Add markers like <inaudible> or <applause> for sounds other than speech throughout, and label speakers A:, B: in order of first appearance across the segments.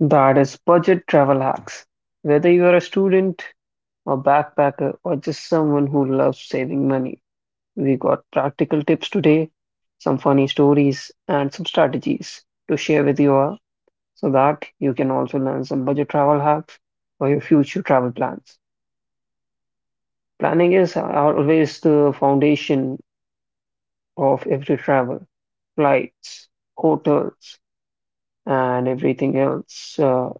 A: That is budget travel hacks. Whether you are a student, a backpacker, or just someone who loves saving money, we got practical tips today, some funny stories, and some strategies to share with you all so that you can also learn some budget travel hacks for your future travel plans. Planning is always the foundation of every travel, flights, hotels, and everything else.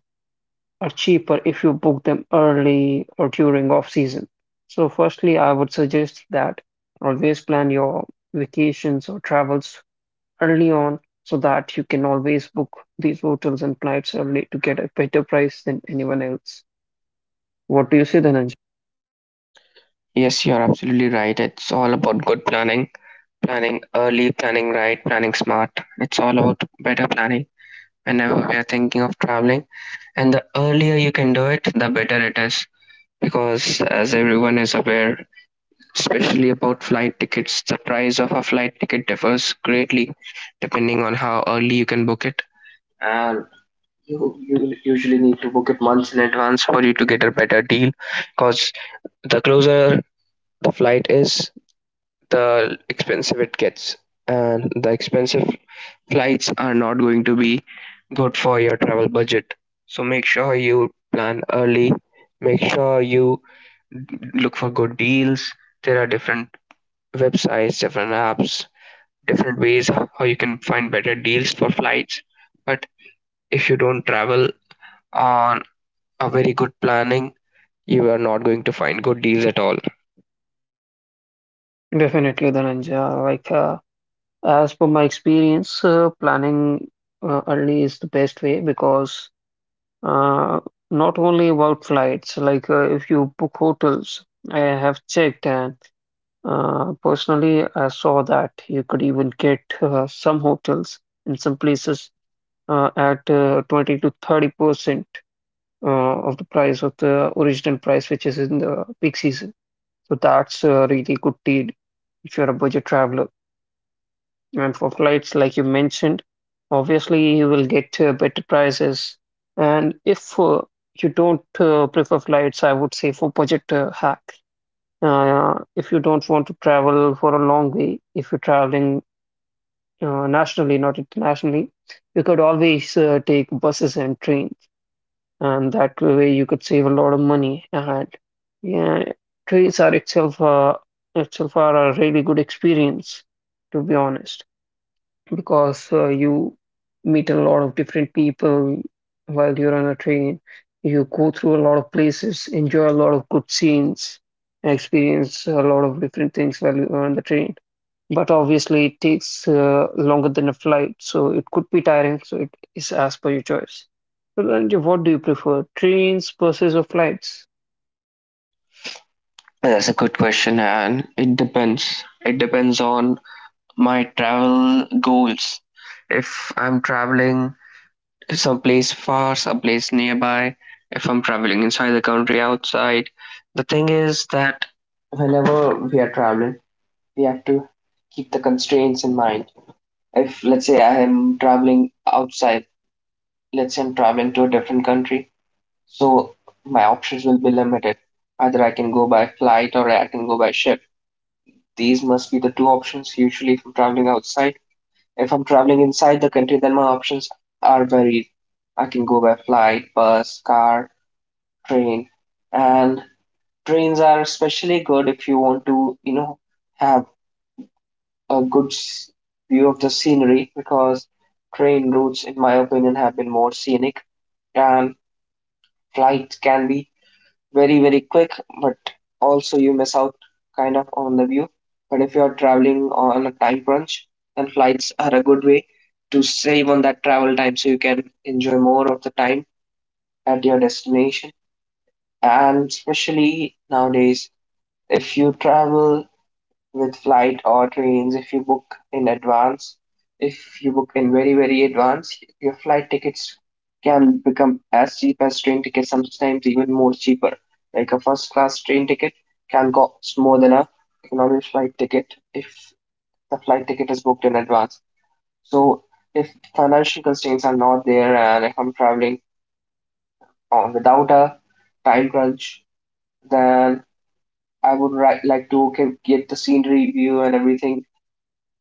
A: Are cheaper if you book them early or during off season. So, firstly, I would suggest that always plan your vacations or travels early on so that you can always book these hotels and flights early to get a better price than anyone else. What do you say, Dhananjay?
B: Yes, you're absolutely right. It's all about good planning, planning early, planning right, planning smart. It's all about better planning. Whenever we are thinking of traveling, and the earlier you can do it, the better it is. Because as everyone is aware, especially about flight tickets, the price of a flight ticket differs greatly depending on how early you can book it. And you will usually need to book it months in advance for you to get a better deal. Because the closer the flight is, the expensive it gets and the expensive flights are not going to be good for your travel budget, so make sure you plan early, make sure you look for good deals. There are different websites, different apps, different ways how you can find better deals for flights, but if you don't travel on a very good planning, you are not going to find good deals at all.
A: Definitely, Dhananjay. Like, as per my experience, planning early is the best way because Uh, not only about flights, like if you book hotels, I have checked and personally I saw that you could even get some hotels in some places at 20 to 30% of the price of the original price, which is in the peak season. So that's a really good deal if you're a budget traveler. And for flights, like you mentioned, obviously you will get better prices. And if you don't prefer flights, I would say for budget hack. If you don't want to travel for a long way, if you're traveling nationally, not internationally, you could always take buses and trains, and that way you could save a lot of money. And yeah, trains are itself itself are a really good experience, to be honest because you meet a lot of different people while you're on a train. You go through a lot of places, enjoy a lot of good scenes, and experience a lot of different things while you're on the train. But obviously, it takes longer than a flight, so it could be tiring. So it is as per your choice. So, Dhananjay, what do you prefer, trains, buses, or flights?
B: Well, that's a good question, and it depends. It depends on my travel goals. If I'm traveling someplace far, someplace nearby, if I'm traveling inside the country, outside, the thing is that whenever we are traveling, we have to keep the constraints in mind. If, let's say, I am traveling outside, let's say I'm traveling to a different country, so my options will be limited. Either I can go by flight or I can go by ship. These must be the two options usually if I'm traveling outside. If I'm traveling inside the country, then my options are varied. I can go by flight, bus, car, train, and trains are especially good if you want to, you know, have a view of the scenery because train routes, in my opinion, have been more scenic, and flight can be very very quick, but also you miss out kind of on the view. But if you're traveling on a time crunch, then flights are a good way to save on that travel time, so you can enjoy more of the time at your destination. And especially nowadays, if you travel with flight or trains, if you book in advance. If you book in very, very advance, your flight tickets can become as cheap as train tickets, sometimes even more cheaper. Like a first class train ticket can cost more than a economy flight ticket if the flight ticket is booked in advance. So if financial constraints are not there and if I'm traveling on without a time crunch, then I would like to get the scenery view and everything.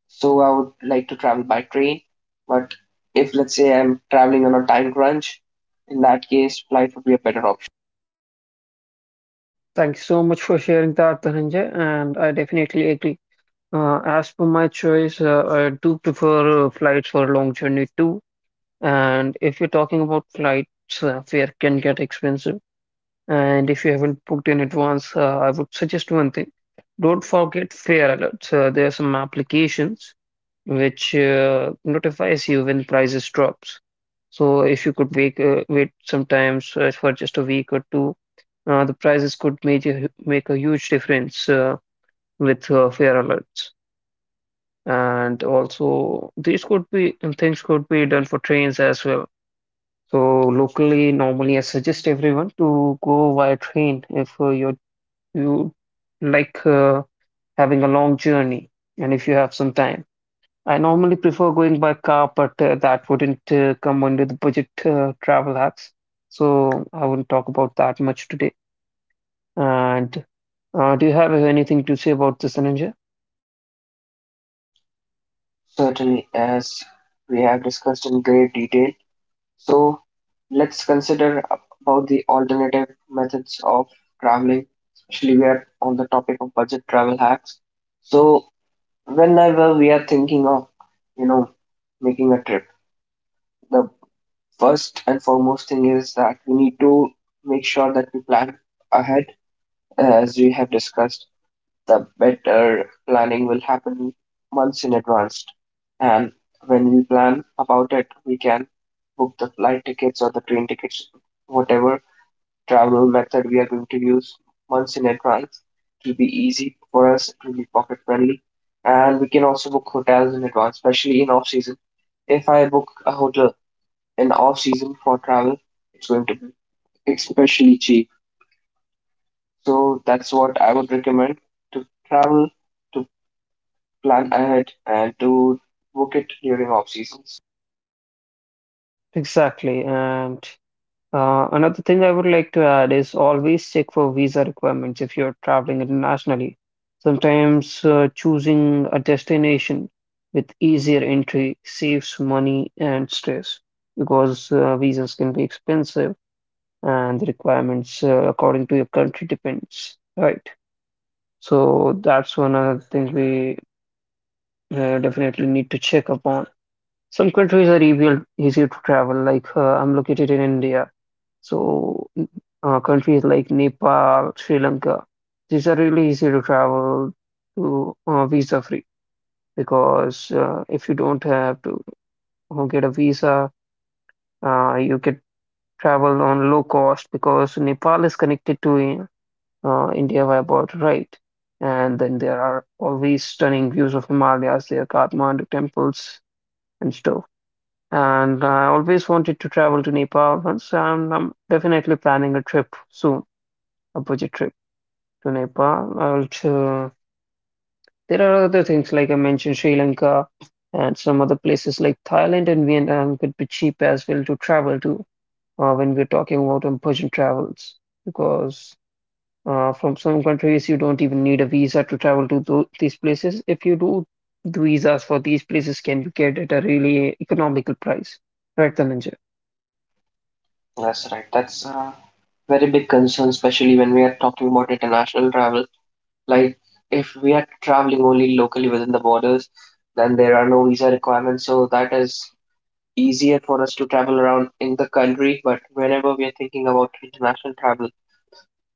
B: So I would like to travel by train. But if let's say I'm traveling on a time crunch, in that case, flight would be a better option.
A: Thank you so much for sharing that, Dhananjay, and I definitely agree. As per my choice, I do prefer flights for long journey too. And if you're talking about flights, fare can get expensive. And if you haven't booked in advance, I would suggest one thing. Don't forget fare alerts. There are some applications which notifies you when prices drops. So if you could wait sometimes for just a week or two, the prices could make a huge difference with fare alerts and also these could be and things could be done for trains as well. So locally, normally I suggest everyone to go via train if you you like having a long journey and if you have some time. I normally prefer going by car, but that wouldn't come under the budget travel hacks, so I wouldn't talk about that much today. And do you have anything to say about this, Ananja?
B: Certainly, as we have discussed in great detail. So let's consider about the alternative methods of traveling, especially we are on the topic of budget travel hacks. So whenever we are thinking of, you know, making a trip, the first and foremost thing is that we need to make sure that we plan ahead. As we have discussed, the better planning will happen months in advance. And when we plan about it, we can book the flight tickets or the train tickets, whatever travel method we are going to use months in advance. It will be easy for us, it will be pocket friendly. And we can also book hotels in advance, especially in off season. If I book a hotel in off season for travel, it's going to be especially cheap, so that's what I would recommend: to travel, to plan ahead, and to book it during off seasons.
A: Exactly. And another thing I would like to add is always check for visa requirements if you're traveling internationally. Sometimes choosing a destination with easier entry saves money and stress because visas can be expensive and the requirements according to your country depends, right? So that's one other thing we definitely need to check upon. Some countries are easier to travel, like I'm located in India. So, countries like Nepal, Sri Lanka, these are really easy to travel to visa free because if you don't have to get a visa, you can travel on low cost because Nepal is connected to India by boat, right? And then there are always stunning views of Himalayas, there, Kathmandu temples and stuff. And I always wanted to travel to Nepal once, and I'm definitely planning a trip soon, a budget trip to Nepal. There are other things like I mentioned, Sri Lanka and some other places like Thailand and Vietnam could be cheap as well to travel to when we're talking about on budget travels, because from some countries you don't even need a visa to travel to these places. If you do, the visas for these places can be get at a really economical price, right, Dhananjay?
B: That's right. That's a very big concern, especially when we are talking about international travel. Like, if we are traveling only locally within the borders, then there are no visa requirements. So that is easier for us to travel around in the country. But whenever we are thinking about international travel,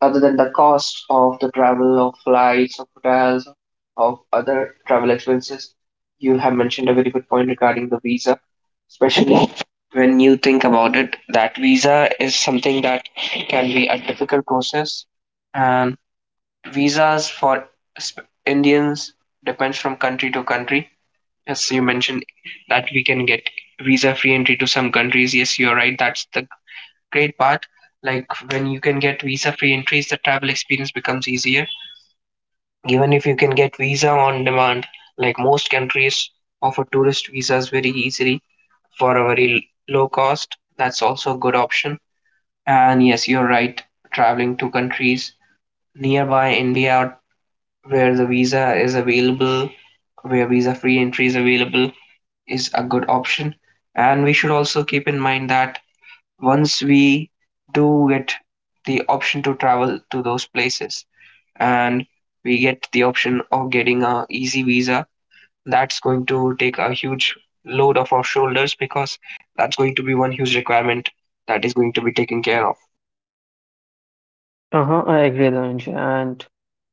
B: other than the cost of the travel, of flights, of hotels, of other travel expenses, you have mentioned a very good point regarding the visa, especially when you think about it, that visa is something that can be a difficult process, and visas for Indians depends from country to country. Yes, you mentioned that we can get visa free entry to some countries. Yes, you're right. That's the great part. Like when you can get visa-free entries, the travel experience becomes easier. Even if you can get visa on demand, like most countries offer tourist visas very easily for a very low cost. That's also a good option. And yes, you're right. Traveling to countries nearby India where the visa is available, where visa-free entry is available, is a good option. And we should also keep in mind that once we do get the option to travel to those places and we get the option of getting a easy visa, that's going to take a huge load off our shoulders because that's going to be one huge requirement that is going to be taken care of.
A: Uh-huh, I agree, Lange. And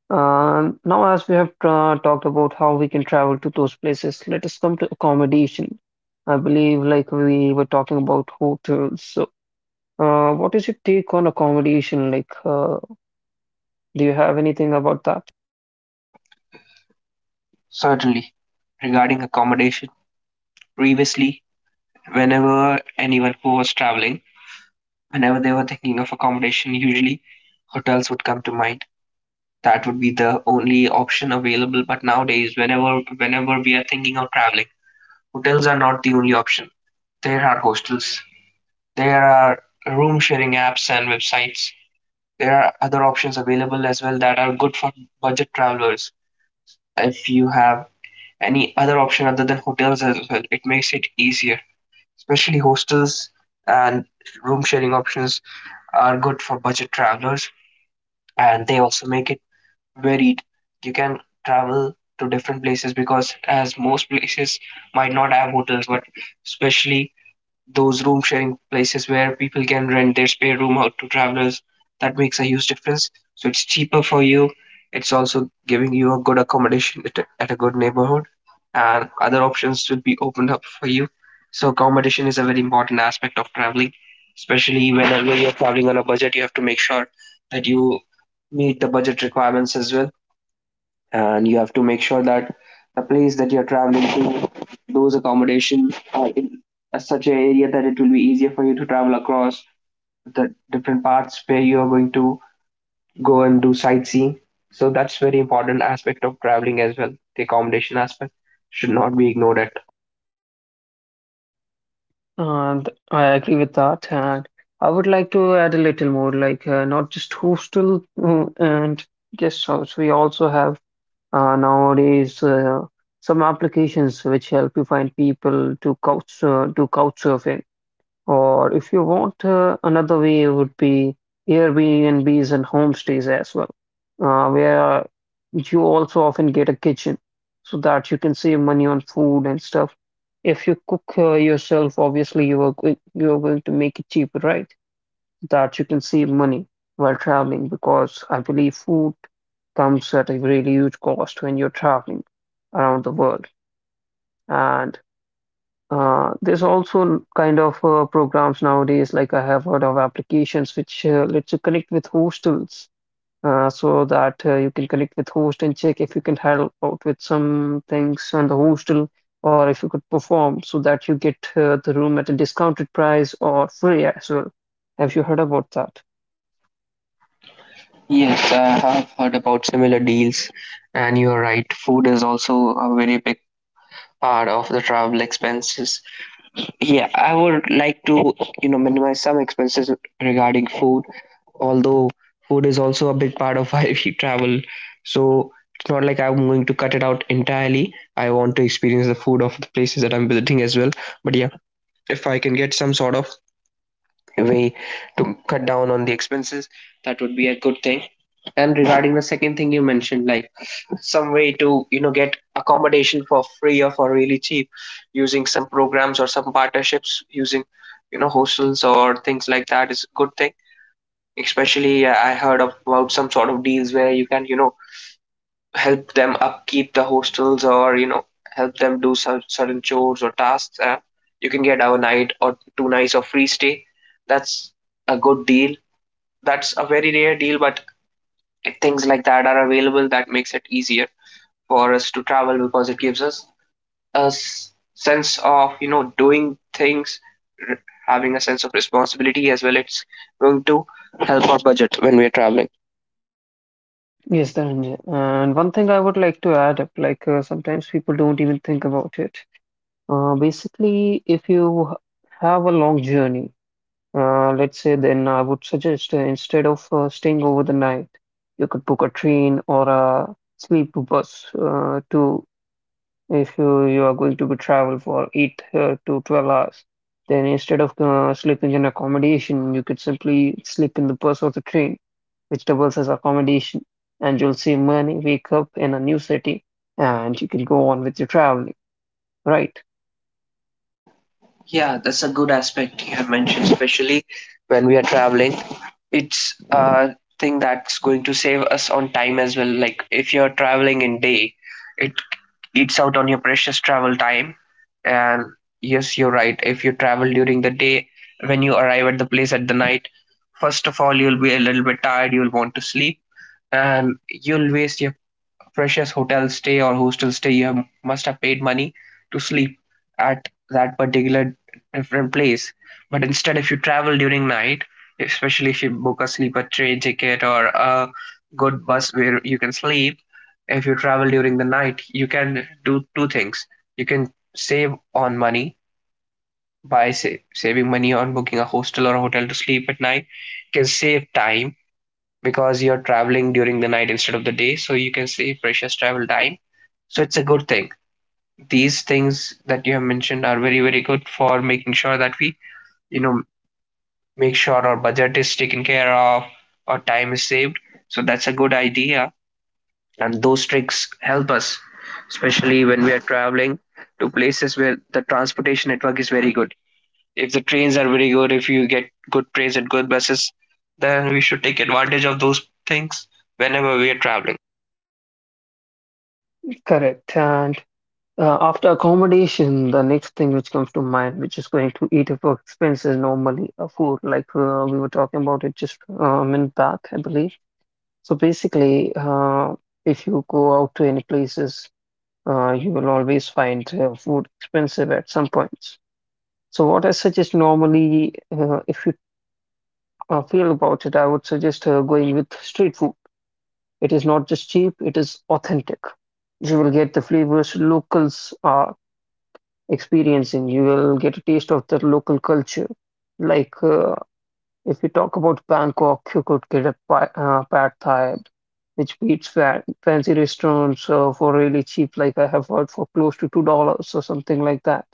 A: now, as we have talked about how we can travel to those places, let us come to accommodation. I believe, like we were talking about hotels. So, what is your take on accommodation? Like, do you have anything about that?
B: Certainly, regarding accommodation, previously, whenever anyone who was traveling, whenever they were thinking of accommodation, usually hotels would come to mind. That would be the only option available. But nowadays, whenever we are thinking of traveling, hotels are not the only option. There are hostels, there are room sharing apps and websites. There are other options available as well that are good for budget travelers. If you have any other option other than hotels as well, it makes it easier. Especially hostels and room sharing options are good for budget travelers, and they also make it varied. You can travel to different places because as most places might not have hotels, but especially those room sharing places where people can rent their spare room out to travelers, that makes a huge difference. So it's cheaper for you. It's also giving you a good accommodation at a good neighborhood, and other options will be opened up for you. So accommodation is a very important aspect of traveling, especially whenever you're traveling on a budget. You have to make sure that you meet the budget requirements as well, and you have to make sure that the place that you're traveling to, those accommodations are in such an area that it will be easier for you to travel across the different parts where you are going to go and do sightseeing. So that's very important aspect of traveling as well. The accommodation aspect should not be ignored at.
A: And I agree with that. And I would like to add a little more, like not just hostel and guest house. We also have nowadays some applications which help you find people to couch surfing. Or if you want, another way would be Airbnbs and homestays as well, where you also often get a kitchen so that you can save money on food and stuff. If you cook yourself, obviously you are going to make it cheaper, right? That you can save money while traveling because I believe food comes at a really huge cost when you're traveling around the world. And there's also kind of programs nowadays, like I have heard of applications which lets you connect with hostels so that you can connect with host and check if you can help out with some things on the hostel or if you could perform so that you get the room at a discounted price or free as well. Have you heard about that?
B: Yes, I have heard about similar deals, and you're right. Food is also a very big part of the travel expenses. Yeah, I would like to, you know, minimize some expenses regarding food, although food is also a big part of <laughs> why we travel. So it's not like I'm going to cut it out entirely. I want to experience the food of the places that I'm visiting as well. But yeah, if I can get some sort of way to cut down on the expenses, that would be a good thing. And regarding the second thing you mentioned, like some way to, you know, get accommodation for free or for really cheap, using some programs or some partnerships, using, you know, hostels or things like that is a good thing. Especially, I heard about some sort of deals where you can, you know, help them upkeep the hostels or, you know, help them do some certain chores or tasks. You can get a night or two nights of free stay. That's a good deal. That's a very rare deal, but things like that are available that makes it easier for us to travel because it gives us a sense of, you know, doing things, having a sense of responsibility as well. It's going to help our budget when we are traveling.
A: Yes, Dhananjay. And one thing I would like to add up, like sometimes people don't even think about it. Basically, if you have a long journey, let's say then I would suggest instead of staying over the night, you could book a train or a sleeper bus to if you are going to be travel for 8 to 12 hours. Then instead of sleeping in accommodation, you could simply sleep in the bus or the train, which doubles as accommodation, and you'll save money, wake up in a new city, and you can go on with your traveling. Right.
B: Yeah, that's a good aspect you have mentioned, especially when we are traveling. It's a thing that's going to save us on time as well. Like if you're traveling in day, it eats out on your precious travel time. And yes, you're right. If you travel during the day, when you arrive at the place at the night, first of all, you'll be a little bit tired, you'll want to sleep, and you'll waste your precious hotel stay or hostel stay you have, must have paid money to sleep at that particular different place. But instead, if you travel during night, especially if you book a sleeper train ticket or a good bus where you can sleep, if you travel during the night, you can do two things. You can save on money by saving money on booking a hostel or a hotel to sleep at night. You can save time because you're traveling during the night instead of the day, so you can save precious travel time. So it's a good thing. These things that you have mentioned are very, very good for making sure that we, you know, make sure our budget is taken care of, our time is saved. So that's a good idea. And those tricks help us, especially when we are traveling to places where the transportation network is very good. If the trains are very good, if you get good trains and good buses, then we should take advantage of those things whenever we are traveling.
A: Correct. And after accommodation, the next thing which comes to mind, which is going to eat up our expenses normally, food, like we were talking about it just a minute back, I believe. So basically, if you go out to any places, you will always find food expensive at some points. So what I suggest normally, if you feel about it, I would suggest going with street food. It is not just cheap, it is authentic. You will get the flavors locals are experiencing. You will get a taste of the local culture. Like if you talk about Bangkok, you could get a pa pad Thai, which beats fa fancy restaurants for really cheap. Like I have heard for close to $2 or something like that.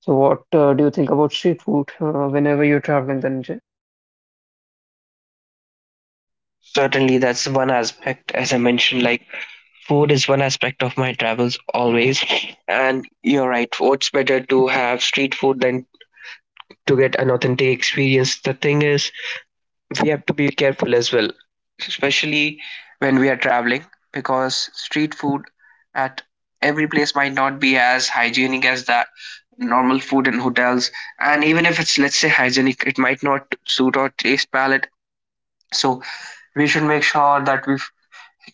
A: So what do you think about street food whenever you're traveling, then?
B: Certainly that's one aspect, as I mentioned, like food is one aspect of my travels always. And you're right, what's better to have street food than to get an authentic experience? The thing is, we have to be careful as well, especially when we are traveling, because street food at every place might not be as hygienic as that normal food in hotels. And even if it's, let's say, hygienic, it might not suit our taste palate. So we should make sure that we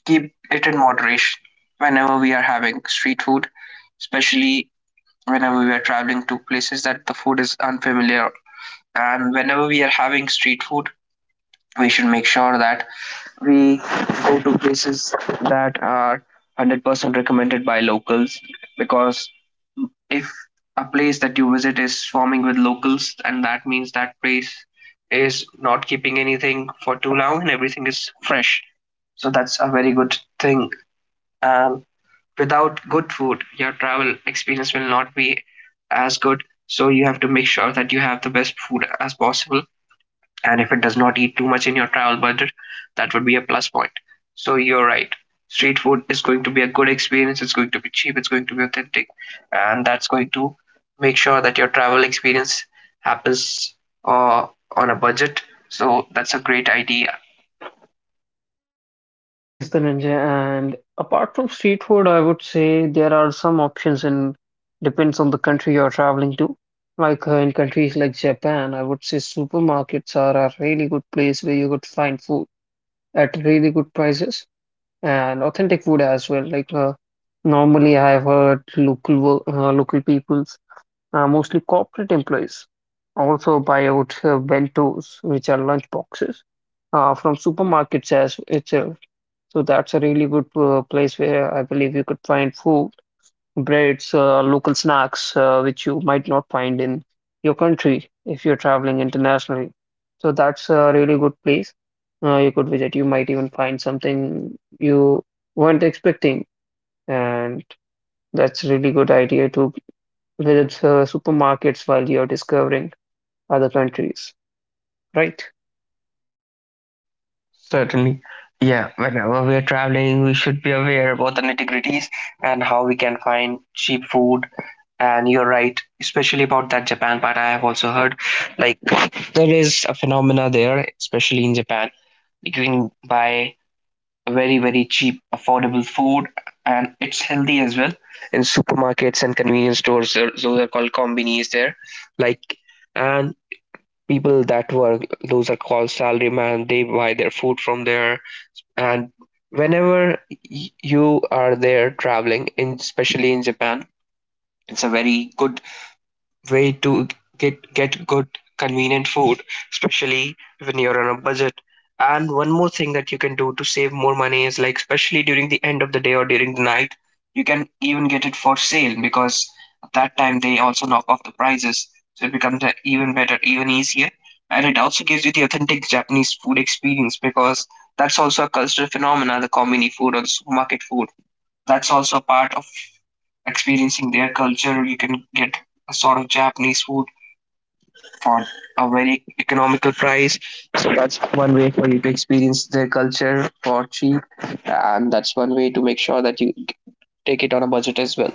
B: keep it in moderation whenever we are having street food, especially whenever we are traveling to places that the food is unfamiliar. And whenever we are having street food, we should make sure that we go to places that are 100% recommended by locals, because if a place that you visit is swarming with locals, and that means that place is not keeping anything for too long and everything is fresh. So that's a very good thing. And without good food, your travel experience will not be as good. So you have to make sure that you have the best food as possible. And if it does not eat too much in your travel budget, that would be a plus point. So you're right. Street food is going to be a good experience. It's going to be cheap. It's going to be authentic, and that's going to make sure that your travel experience happens uh, on a budget. So that's a great idea.
A: Yes, the ninja. And apart from street food, I would say there are some options and depends on the country you're traveling to. Like in countries like Japan, I would say supermarkets are a really good place where you could find food at really good prices and authentic food as well. Like normally, I've heard local peoples, mostly corporate employees, also buy out bentos, which are lunch boxes, from supermarkets as itself. So that's a really good place where I believe you could find food, breads, local snacks, which you might not find in your country if you're traveling internationally. So that's a really good place you could visit. You might even find something you weren't expecting, and that's a really good idea to visit supermarkets while you're discovering other countries, right?
B: Certainly. Yeah, whenever we are traveling, we should be aware about the nitty-gritties and how we can find cheap food. And you're right, especially about that Japan part. I have also heard like there is a phenomena there, especially in Japan. You can buy very, very cheap, affordable food, and it's healthy as well. In supermarkets and convenience stores, those are called combinis there. Like, and people that work, those are called salaryman. They buy their food from there, and whenever you are there traveling in, especially in Japan, it's a very good way to get good convenient food, especially when you're on a budget. And one more thing that you can do to save more money is like, especially during the end of the day or during the night, you can even get it for sale because at that time they also knock off the prices. So it becomes even better, even easier. And it also gives you the authentic Japanese food experience, because that's also a cultural phenomena. The commune food or the supermarket food, that's also a part of experiencing their culture. You can get a sort of Japanese food for a very economical price. So that's one way for you to experience their culture for cheap, and that's one way to make sure that you take it on a budget as well.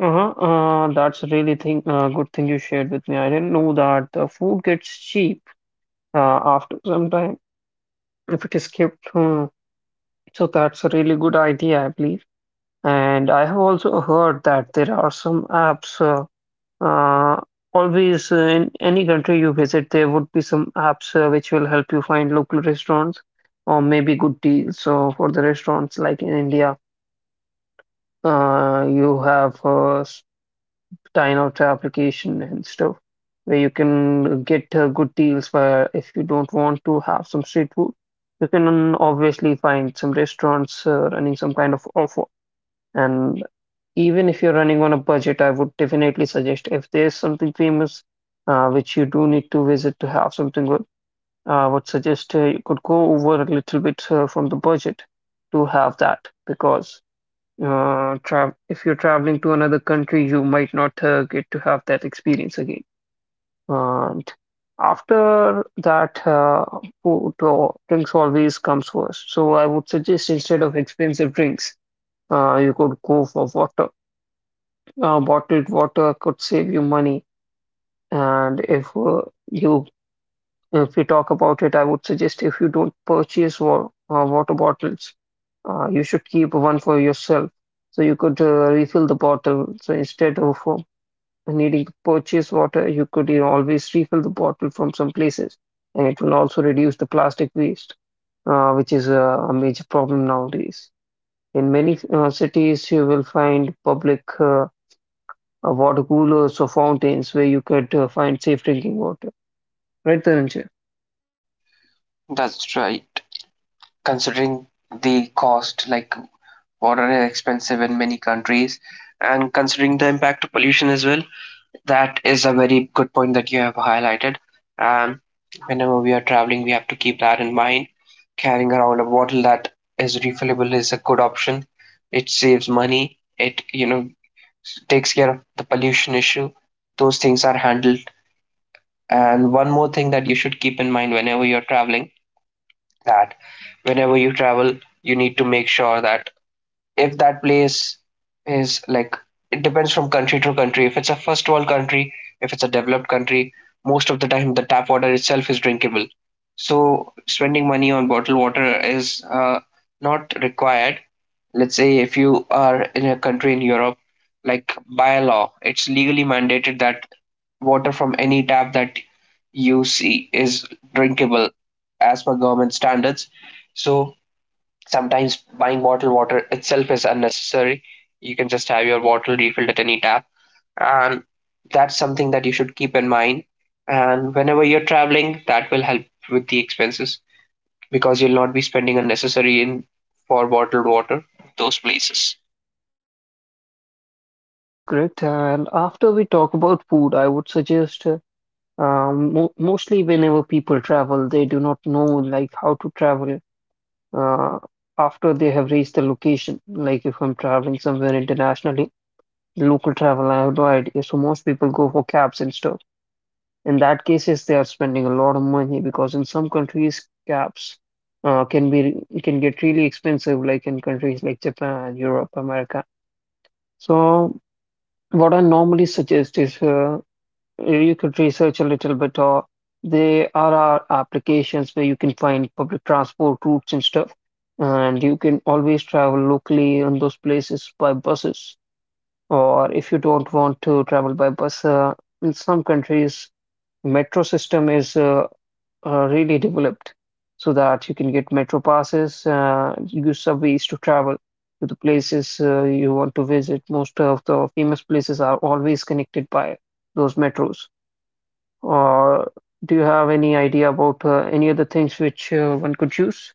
A: Uh-huh. That's a really good thing you shared with me. I didn't know that the food gets cheap after some time if it is kept. Hmm. So that's a really good idea, I believe. And I have also heard that there are some apps. Uh, Always in any country you visit, there would be some apps which will help you find local restaurants or maybe good deals. So for the restaurants like in India, you have time out application and stuff where you can get good deals where if you don't want to have some street food you can obviously find some restaurants running some kind of offer, and even if you're running on a budget, I would definitely suggest if there's something famous which you do need to visit to have something good, I would suggest you could go over a little bit from the budget to have that. Because tra if you're traveling to another country, you might not get to have that experience again. And after that, food or drinks always comes first. So I would suggest instead of expensive drinks, you could go for water. Bottled water could save you money. And you if we talk about it, I would suggest if you don't purchase wa water bottles, you should keep one for yourself. So you could refill the bottle. So instead of needing to purchase water, you could, you know, always refill the bottle from some places. And it will also reduce the plastic waste, which is a major problem nowadays. In many cities, you will find public water coolers or fountains where you could find safe drinking water. Right, Dhananjay?
B: That's right. Considering the cost, like water is expensive in many countries, and considering the impact of pollution as well, that is a very good point that you have highlighted. And whenever we are traveling, we have to keep that in mind. Carrying around a bottle that is refillable is a good option. It saves money. It, takes care of the pollution issue. Those things are handled. And one more thing that you should keep in mind whenever you're traveling, that whenever you travel, you need to make sure that if that place is like, it depends from country to country. If it's a first world country, if it's a developed country, most of the time the tap water itself is drinkable. So spending money on bottled water is not required. Let's say if you are in a country in Europe, like by law, it's legally mandated that water from any tap that you see is drinkable as per government standards. So sometimes buying bottled water itself is unnecessary. You can just have your bottle refilled at any tap. And that's something that you should keep in mind. And whenever you're traveling, that will help with the expenses because you'll not be spending unnecessary in for bottled water those places.
A: Yes, that's correct. And after we talk about food, I would suggest mo mostly whenever people travel, they do not know like how to travel uh, after they have reached the location. Like if I'm traveling somewhere internationally, local travel, I have no idea. So most people go for cabs and stuff. In that case, yes, they are spending a lot of money because in some countries, cabs can get really expensive, like in countries like Japan, Europe, America. So what I normally suggest is. You could research a little bit, or there are our applications where you can find public transport routes and stuff, and you can always travel locally in those places by buses. Or if you don't want to travel by bus, in some countries, metro system is really developed so that you can get metro passes, use subways to travel to the places you want to visit. Most of the famous places are always connected by those metros. Or do you have any idea about any other things which one could use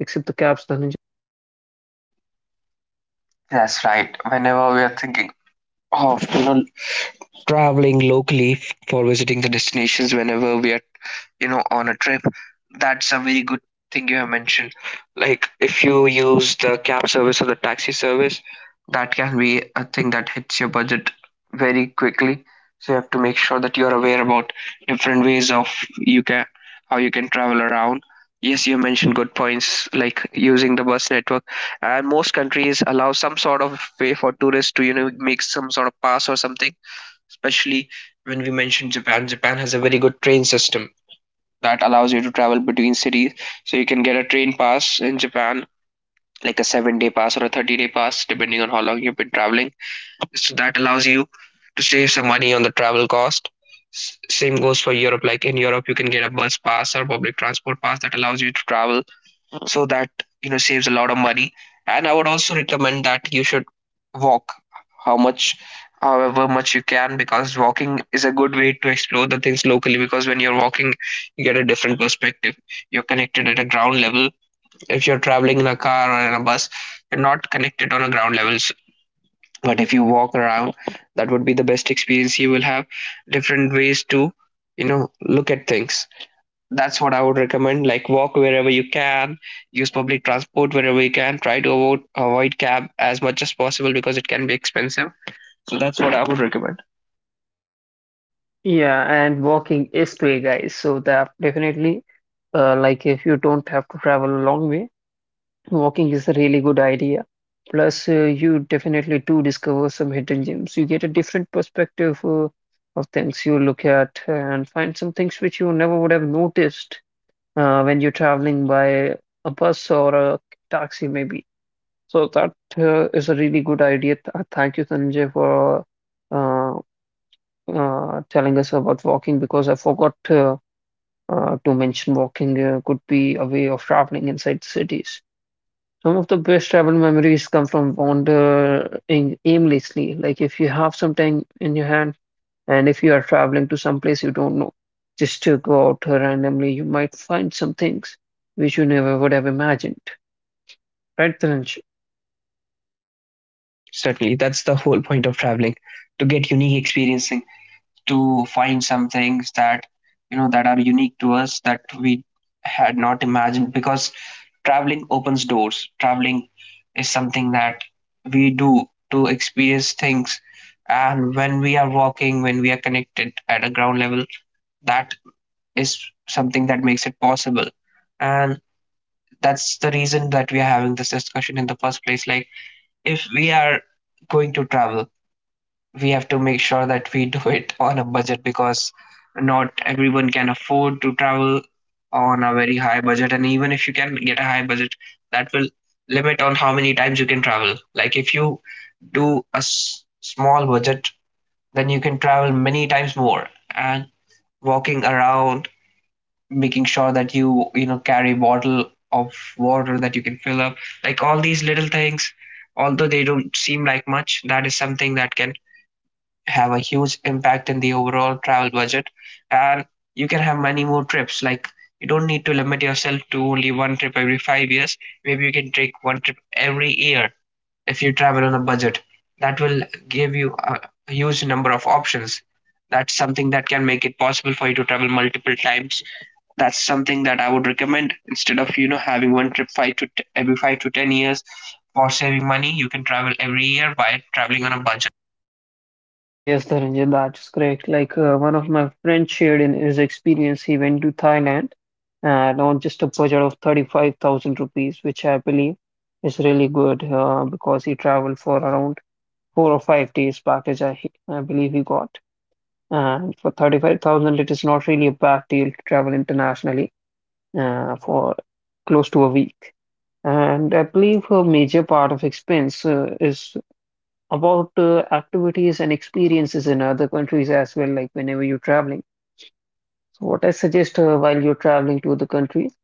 A: except the caps? Then
B: That's right. Whenever we are thinking of, traveling locally for visiting the destinations, whenever we are, on a trip, that's a very good thing you have mentioned. Like if you use the cab service or the taxi service, that can be a thing that hits your budget very quickly. So you have to make sure that you're aware about different ways of you can how you can travel around. Yes, you mentioned good points like using the bus network, and most countries allow some sort of way for tourists to, make some sort of pass or something. Especially when we mentioned Japan, Japan has a very good train system that allows you to travel between cities. So you can get a train pass in Japan, like a 7 day pass or a 30-day pass, depending on how long you've been traveling. So that allows you to save some money on the travel cost. Same goes for Europe. Like in Europe, you can get a bus pass or public transport pass that allows you to travel, so that, saves a lot of money. And I would also recommend that you should walk how much, however much you can, because walking is a good way to explore the things locally. Because when you're walking, you get a different perspective. You're connected at a ground level. If you're traveling in a car or in a bus, you're not connected on a ground level. But if you walk around, that would be the best experience you will have, different ways to, look at things. That's what I would recommend. Like, walk wherever you can, use public transport wherever you can. Try to avoid cab as much as possible because it can be expensive. So that's what I would recommend.
A: yeah, and walking is great, guys. So that definitely, like if you don't have to travel a long way, walking is a really good idea. Plus, you definitely do discover some hidden gems. You get a different perspective of things you look at and find some things which you never would have noticed when you're traveling by a bus or a taxi, maybe. So that is a really good idea. Thank you, Sanjay, for uh, telling us about walking because I forgot to mention walking could be a way of traveling inside cities. Some of the best travel memories come from wandering aimlessly. Like if you have some time in your hand and if you are traveling to some place you don't know, just to go out randomly, you might find some things which you never would have imagined. Right, Dhananjay?
B: Certainly, that's the whole point of traveling, to get unique experiencing, to find some things that, that are unique to us, that we had not imagined. Because traveling opens doors. Traveling is something that we do to experience things. And when we are walking, when we are connected at a ground level, that is something that makes it possible. And that's the reason that we are having this discussion in the first place. Like, if we are going to travel, we have to make sure that we <laughs> do it on a budget, because not everyone can afford to travel on a very high budget. And even if you can get a high budget, that will limit on how many times you can travel. Like if you do a small budget, then you can travel many times more. And walking around, making sure that you know carry bottle of water that you can fill up, like all these little things, although they don't seem like much, that is something that can have a huge impact in the overall travel budget. And you can have many more trips. Like, you don't need to limit yourself to only one trip every 5 years. Maybe you can take one trip every year. If you travel on a budget, that will give you a huge number of options. That's something that can make it possible for you to travel multiple times. That's something that I would recommend instead of, having one trip five to every 5 to 10 years for saving money. You can travel every year by traveling on a budget.
A: Yes, Dhananjay, that's correct. Like one of my friends shared in his experience, he went to Thailand and on just a budget of 35,000 rupees, which I believe is really good because he traveled for around four or five days package, I, he- I believe he got And for 35,000, it is not really a bad deal to travel internationally for close to a week. And I believe a major part of expense is about activities and experiences in other countries as well, like whenever you're traveling. So what I suggest while you're traveling to the countries,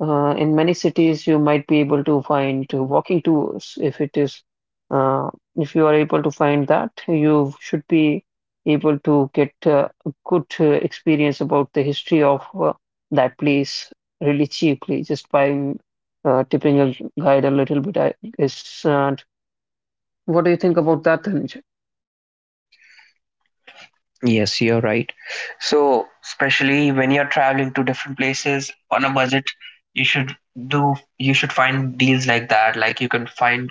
A: in many cities you might be able to find walking tours. If it is, uh, if you are able to find that, you should be able to get a good experience about the history of that place really cheaply, just by tipping a guide a little bit, I guess. And what do you think about that, Dhananjay?
B: Yes, you're right. So especially when you're traveling to different places on a budget, you should do you should find deals like that. Like you can find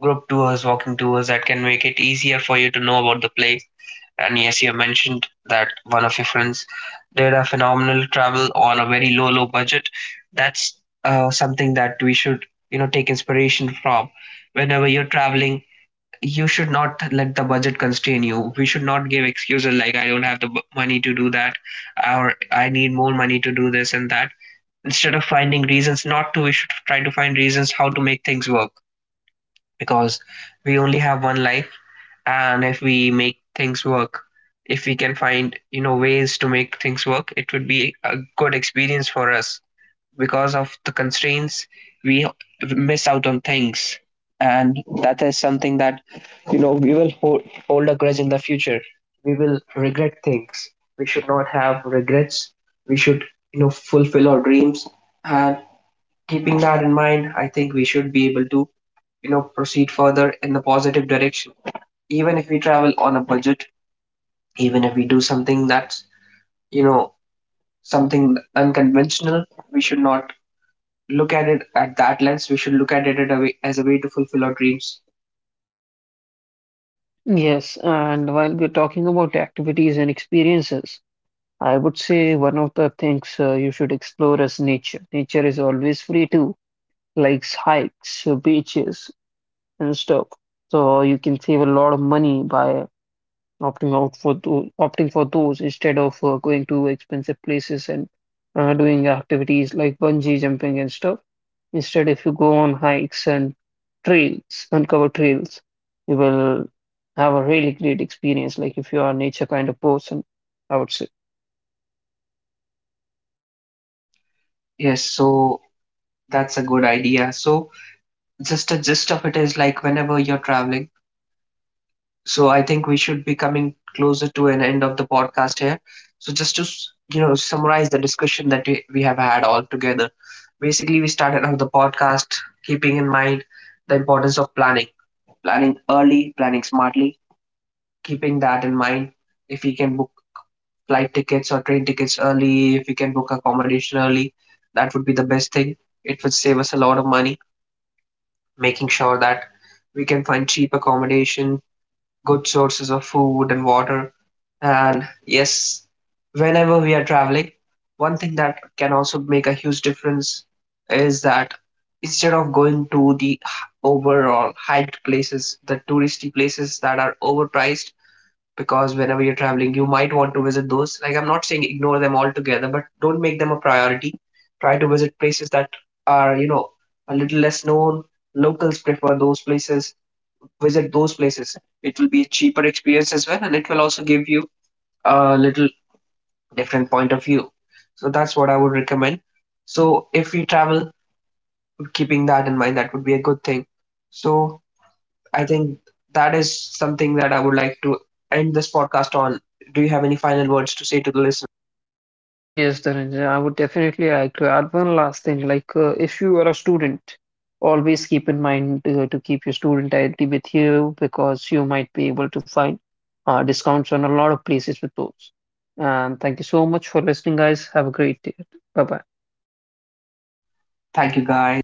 B: group tours, walking tours that can make it easier for you to know about the place. And yes, you have mentioned that one of your friends did a phenomenal travel on a very low, low budget. That's something that we should, take inspiration from. Whenever you're traveling, you should not let the budget constrain you. We should not give excuses like I don't have the money to do that, or I need more money to do this and that. Instead of finding reasons not to, we should try to find reasons how to make things work, because we only have one life. And if we make things work, if we can find, ways to make things work, it would be a good experience for us. Because of the constraints, we miss out on things, and that is something that, we will hold a grudge in the future. We will regret things. We should not have regrets. We should, fulfill our dreams. And keeping that in mind, I think we should be able to, proceed further in the positive direction. Even if we travel on a budget, even if we do something that's, you know, something unconventional, we should not look at it at that lens. We should look at it at a way, as a way to fulfill our dreams.
A: Yes, and while we're talking about activities and experiences, I would say one of the things you should explore is nature. Nature is always free too, like hikes, beaches, and stuff. So you can save a lot of money by opting for those instead of going to expensive places and doing activities like bungee jumping and stuff. Instead, if you go on hikes and trails, uncovered trails, you will have a really great experience. Like if you are a nature kind of person, I would say.
B: Yes, so that's a good idea. So, just the gist of it is like whenever you're traveling. So, I think we should be coming closer to an end of the podcast here. So, just to, summarize the discussion that we have had all together. Basically, we started out the podcast keeping in mind the importance of planning, planning early, planning smartly, keeping that in mind. If we can book flight tickets or train tickets early, if we can book accommodation early, that would be the best thing. It would save us a lot of money, making sure that we can find cheap accommodation, good sources of food and water. And yes, whenever we are traveling, one thing that can also make a huge difference is that instead of going to the overall hyped places, the touristy places that are overpriced, because whenever you're traveling, you might want to visit those. Like, I'm not saying ignore them altogether, but don't make them a priority. Try to visit places that are, a little less known. Locals prefer those places, visit those places. It will be a cheaper experience as well, and it will also give you a little different point of view. So that's what I would recommend. So if we travel, keeping that in mind, that would be a good thing. So I think that is something that I would like to end this podcast on. Do you have any final words to say to the listeners?
A: Yes, Dhananjay, I would definitely like to add one last thing. Like, if you are a student, always keep in mind to keep your student ID with you because you might be able to find discounts on a lot of places with those. And thank you so much for listening, guys. Have a great day. Bye bye.
B: Thank you, guys.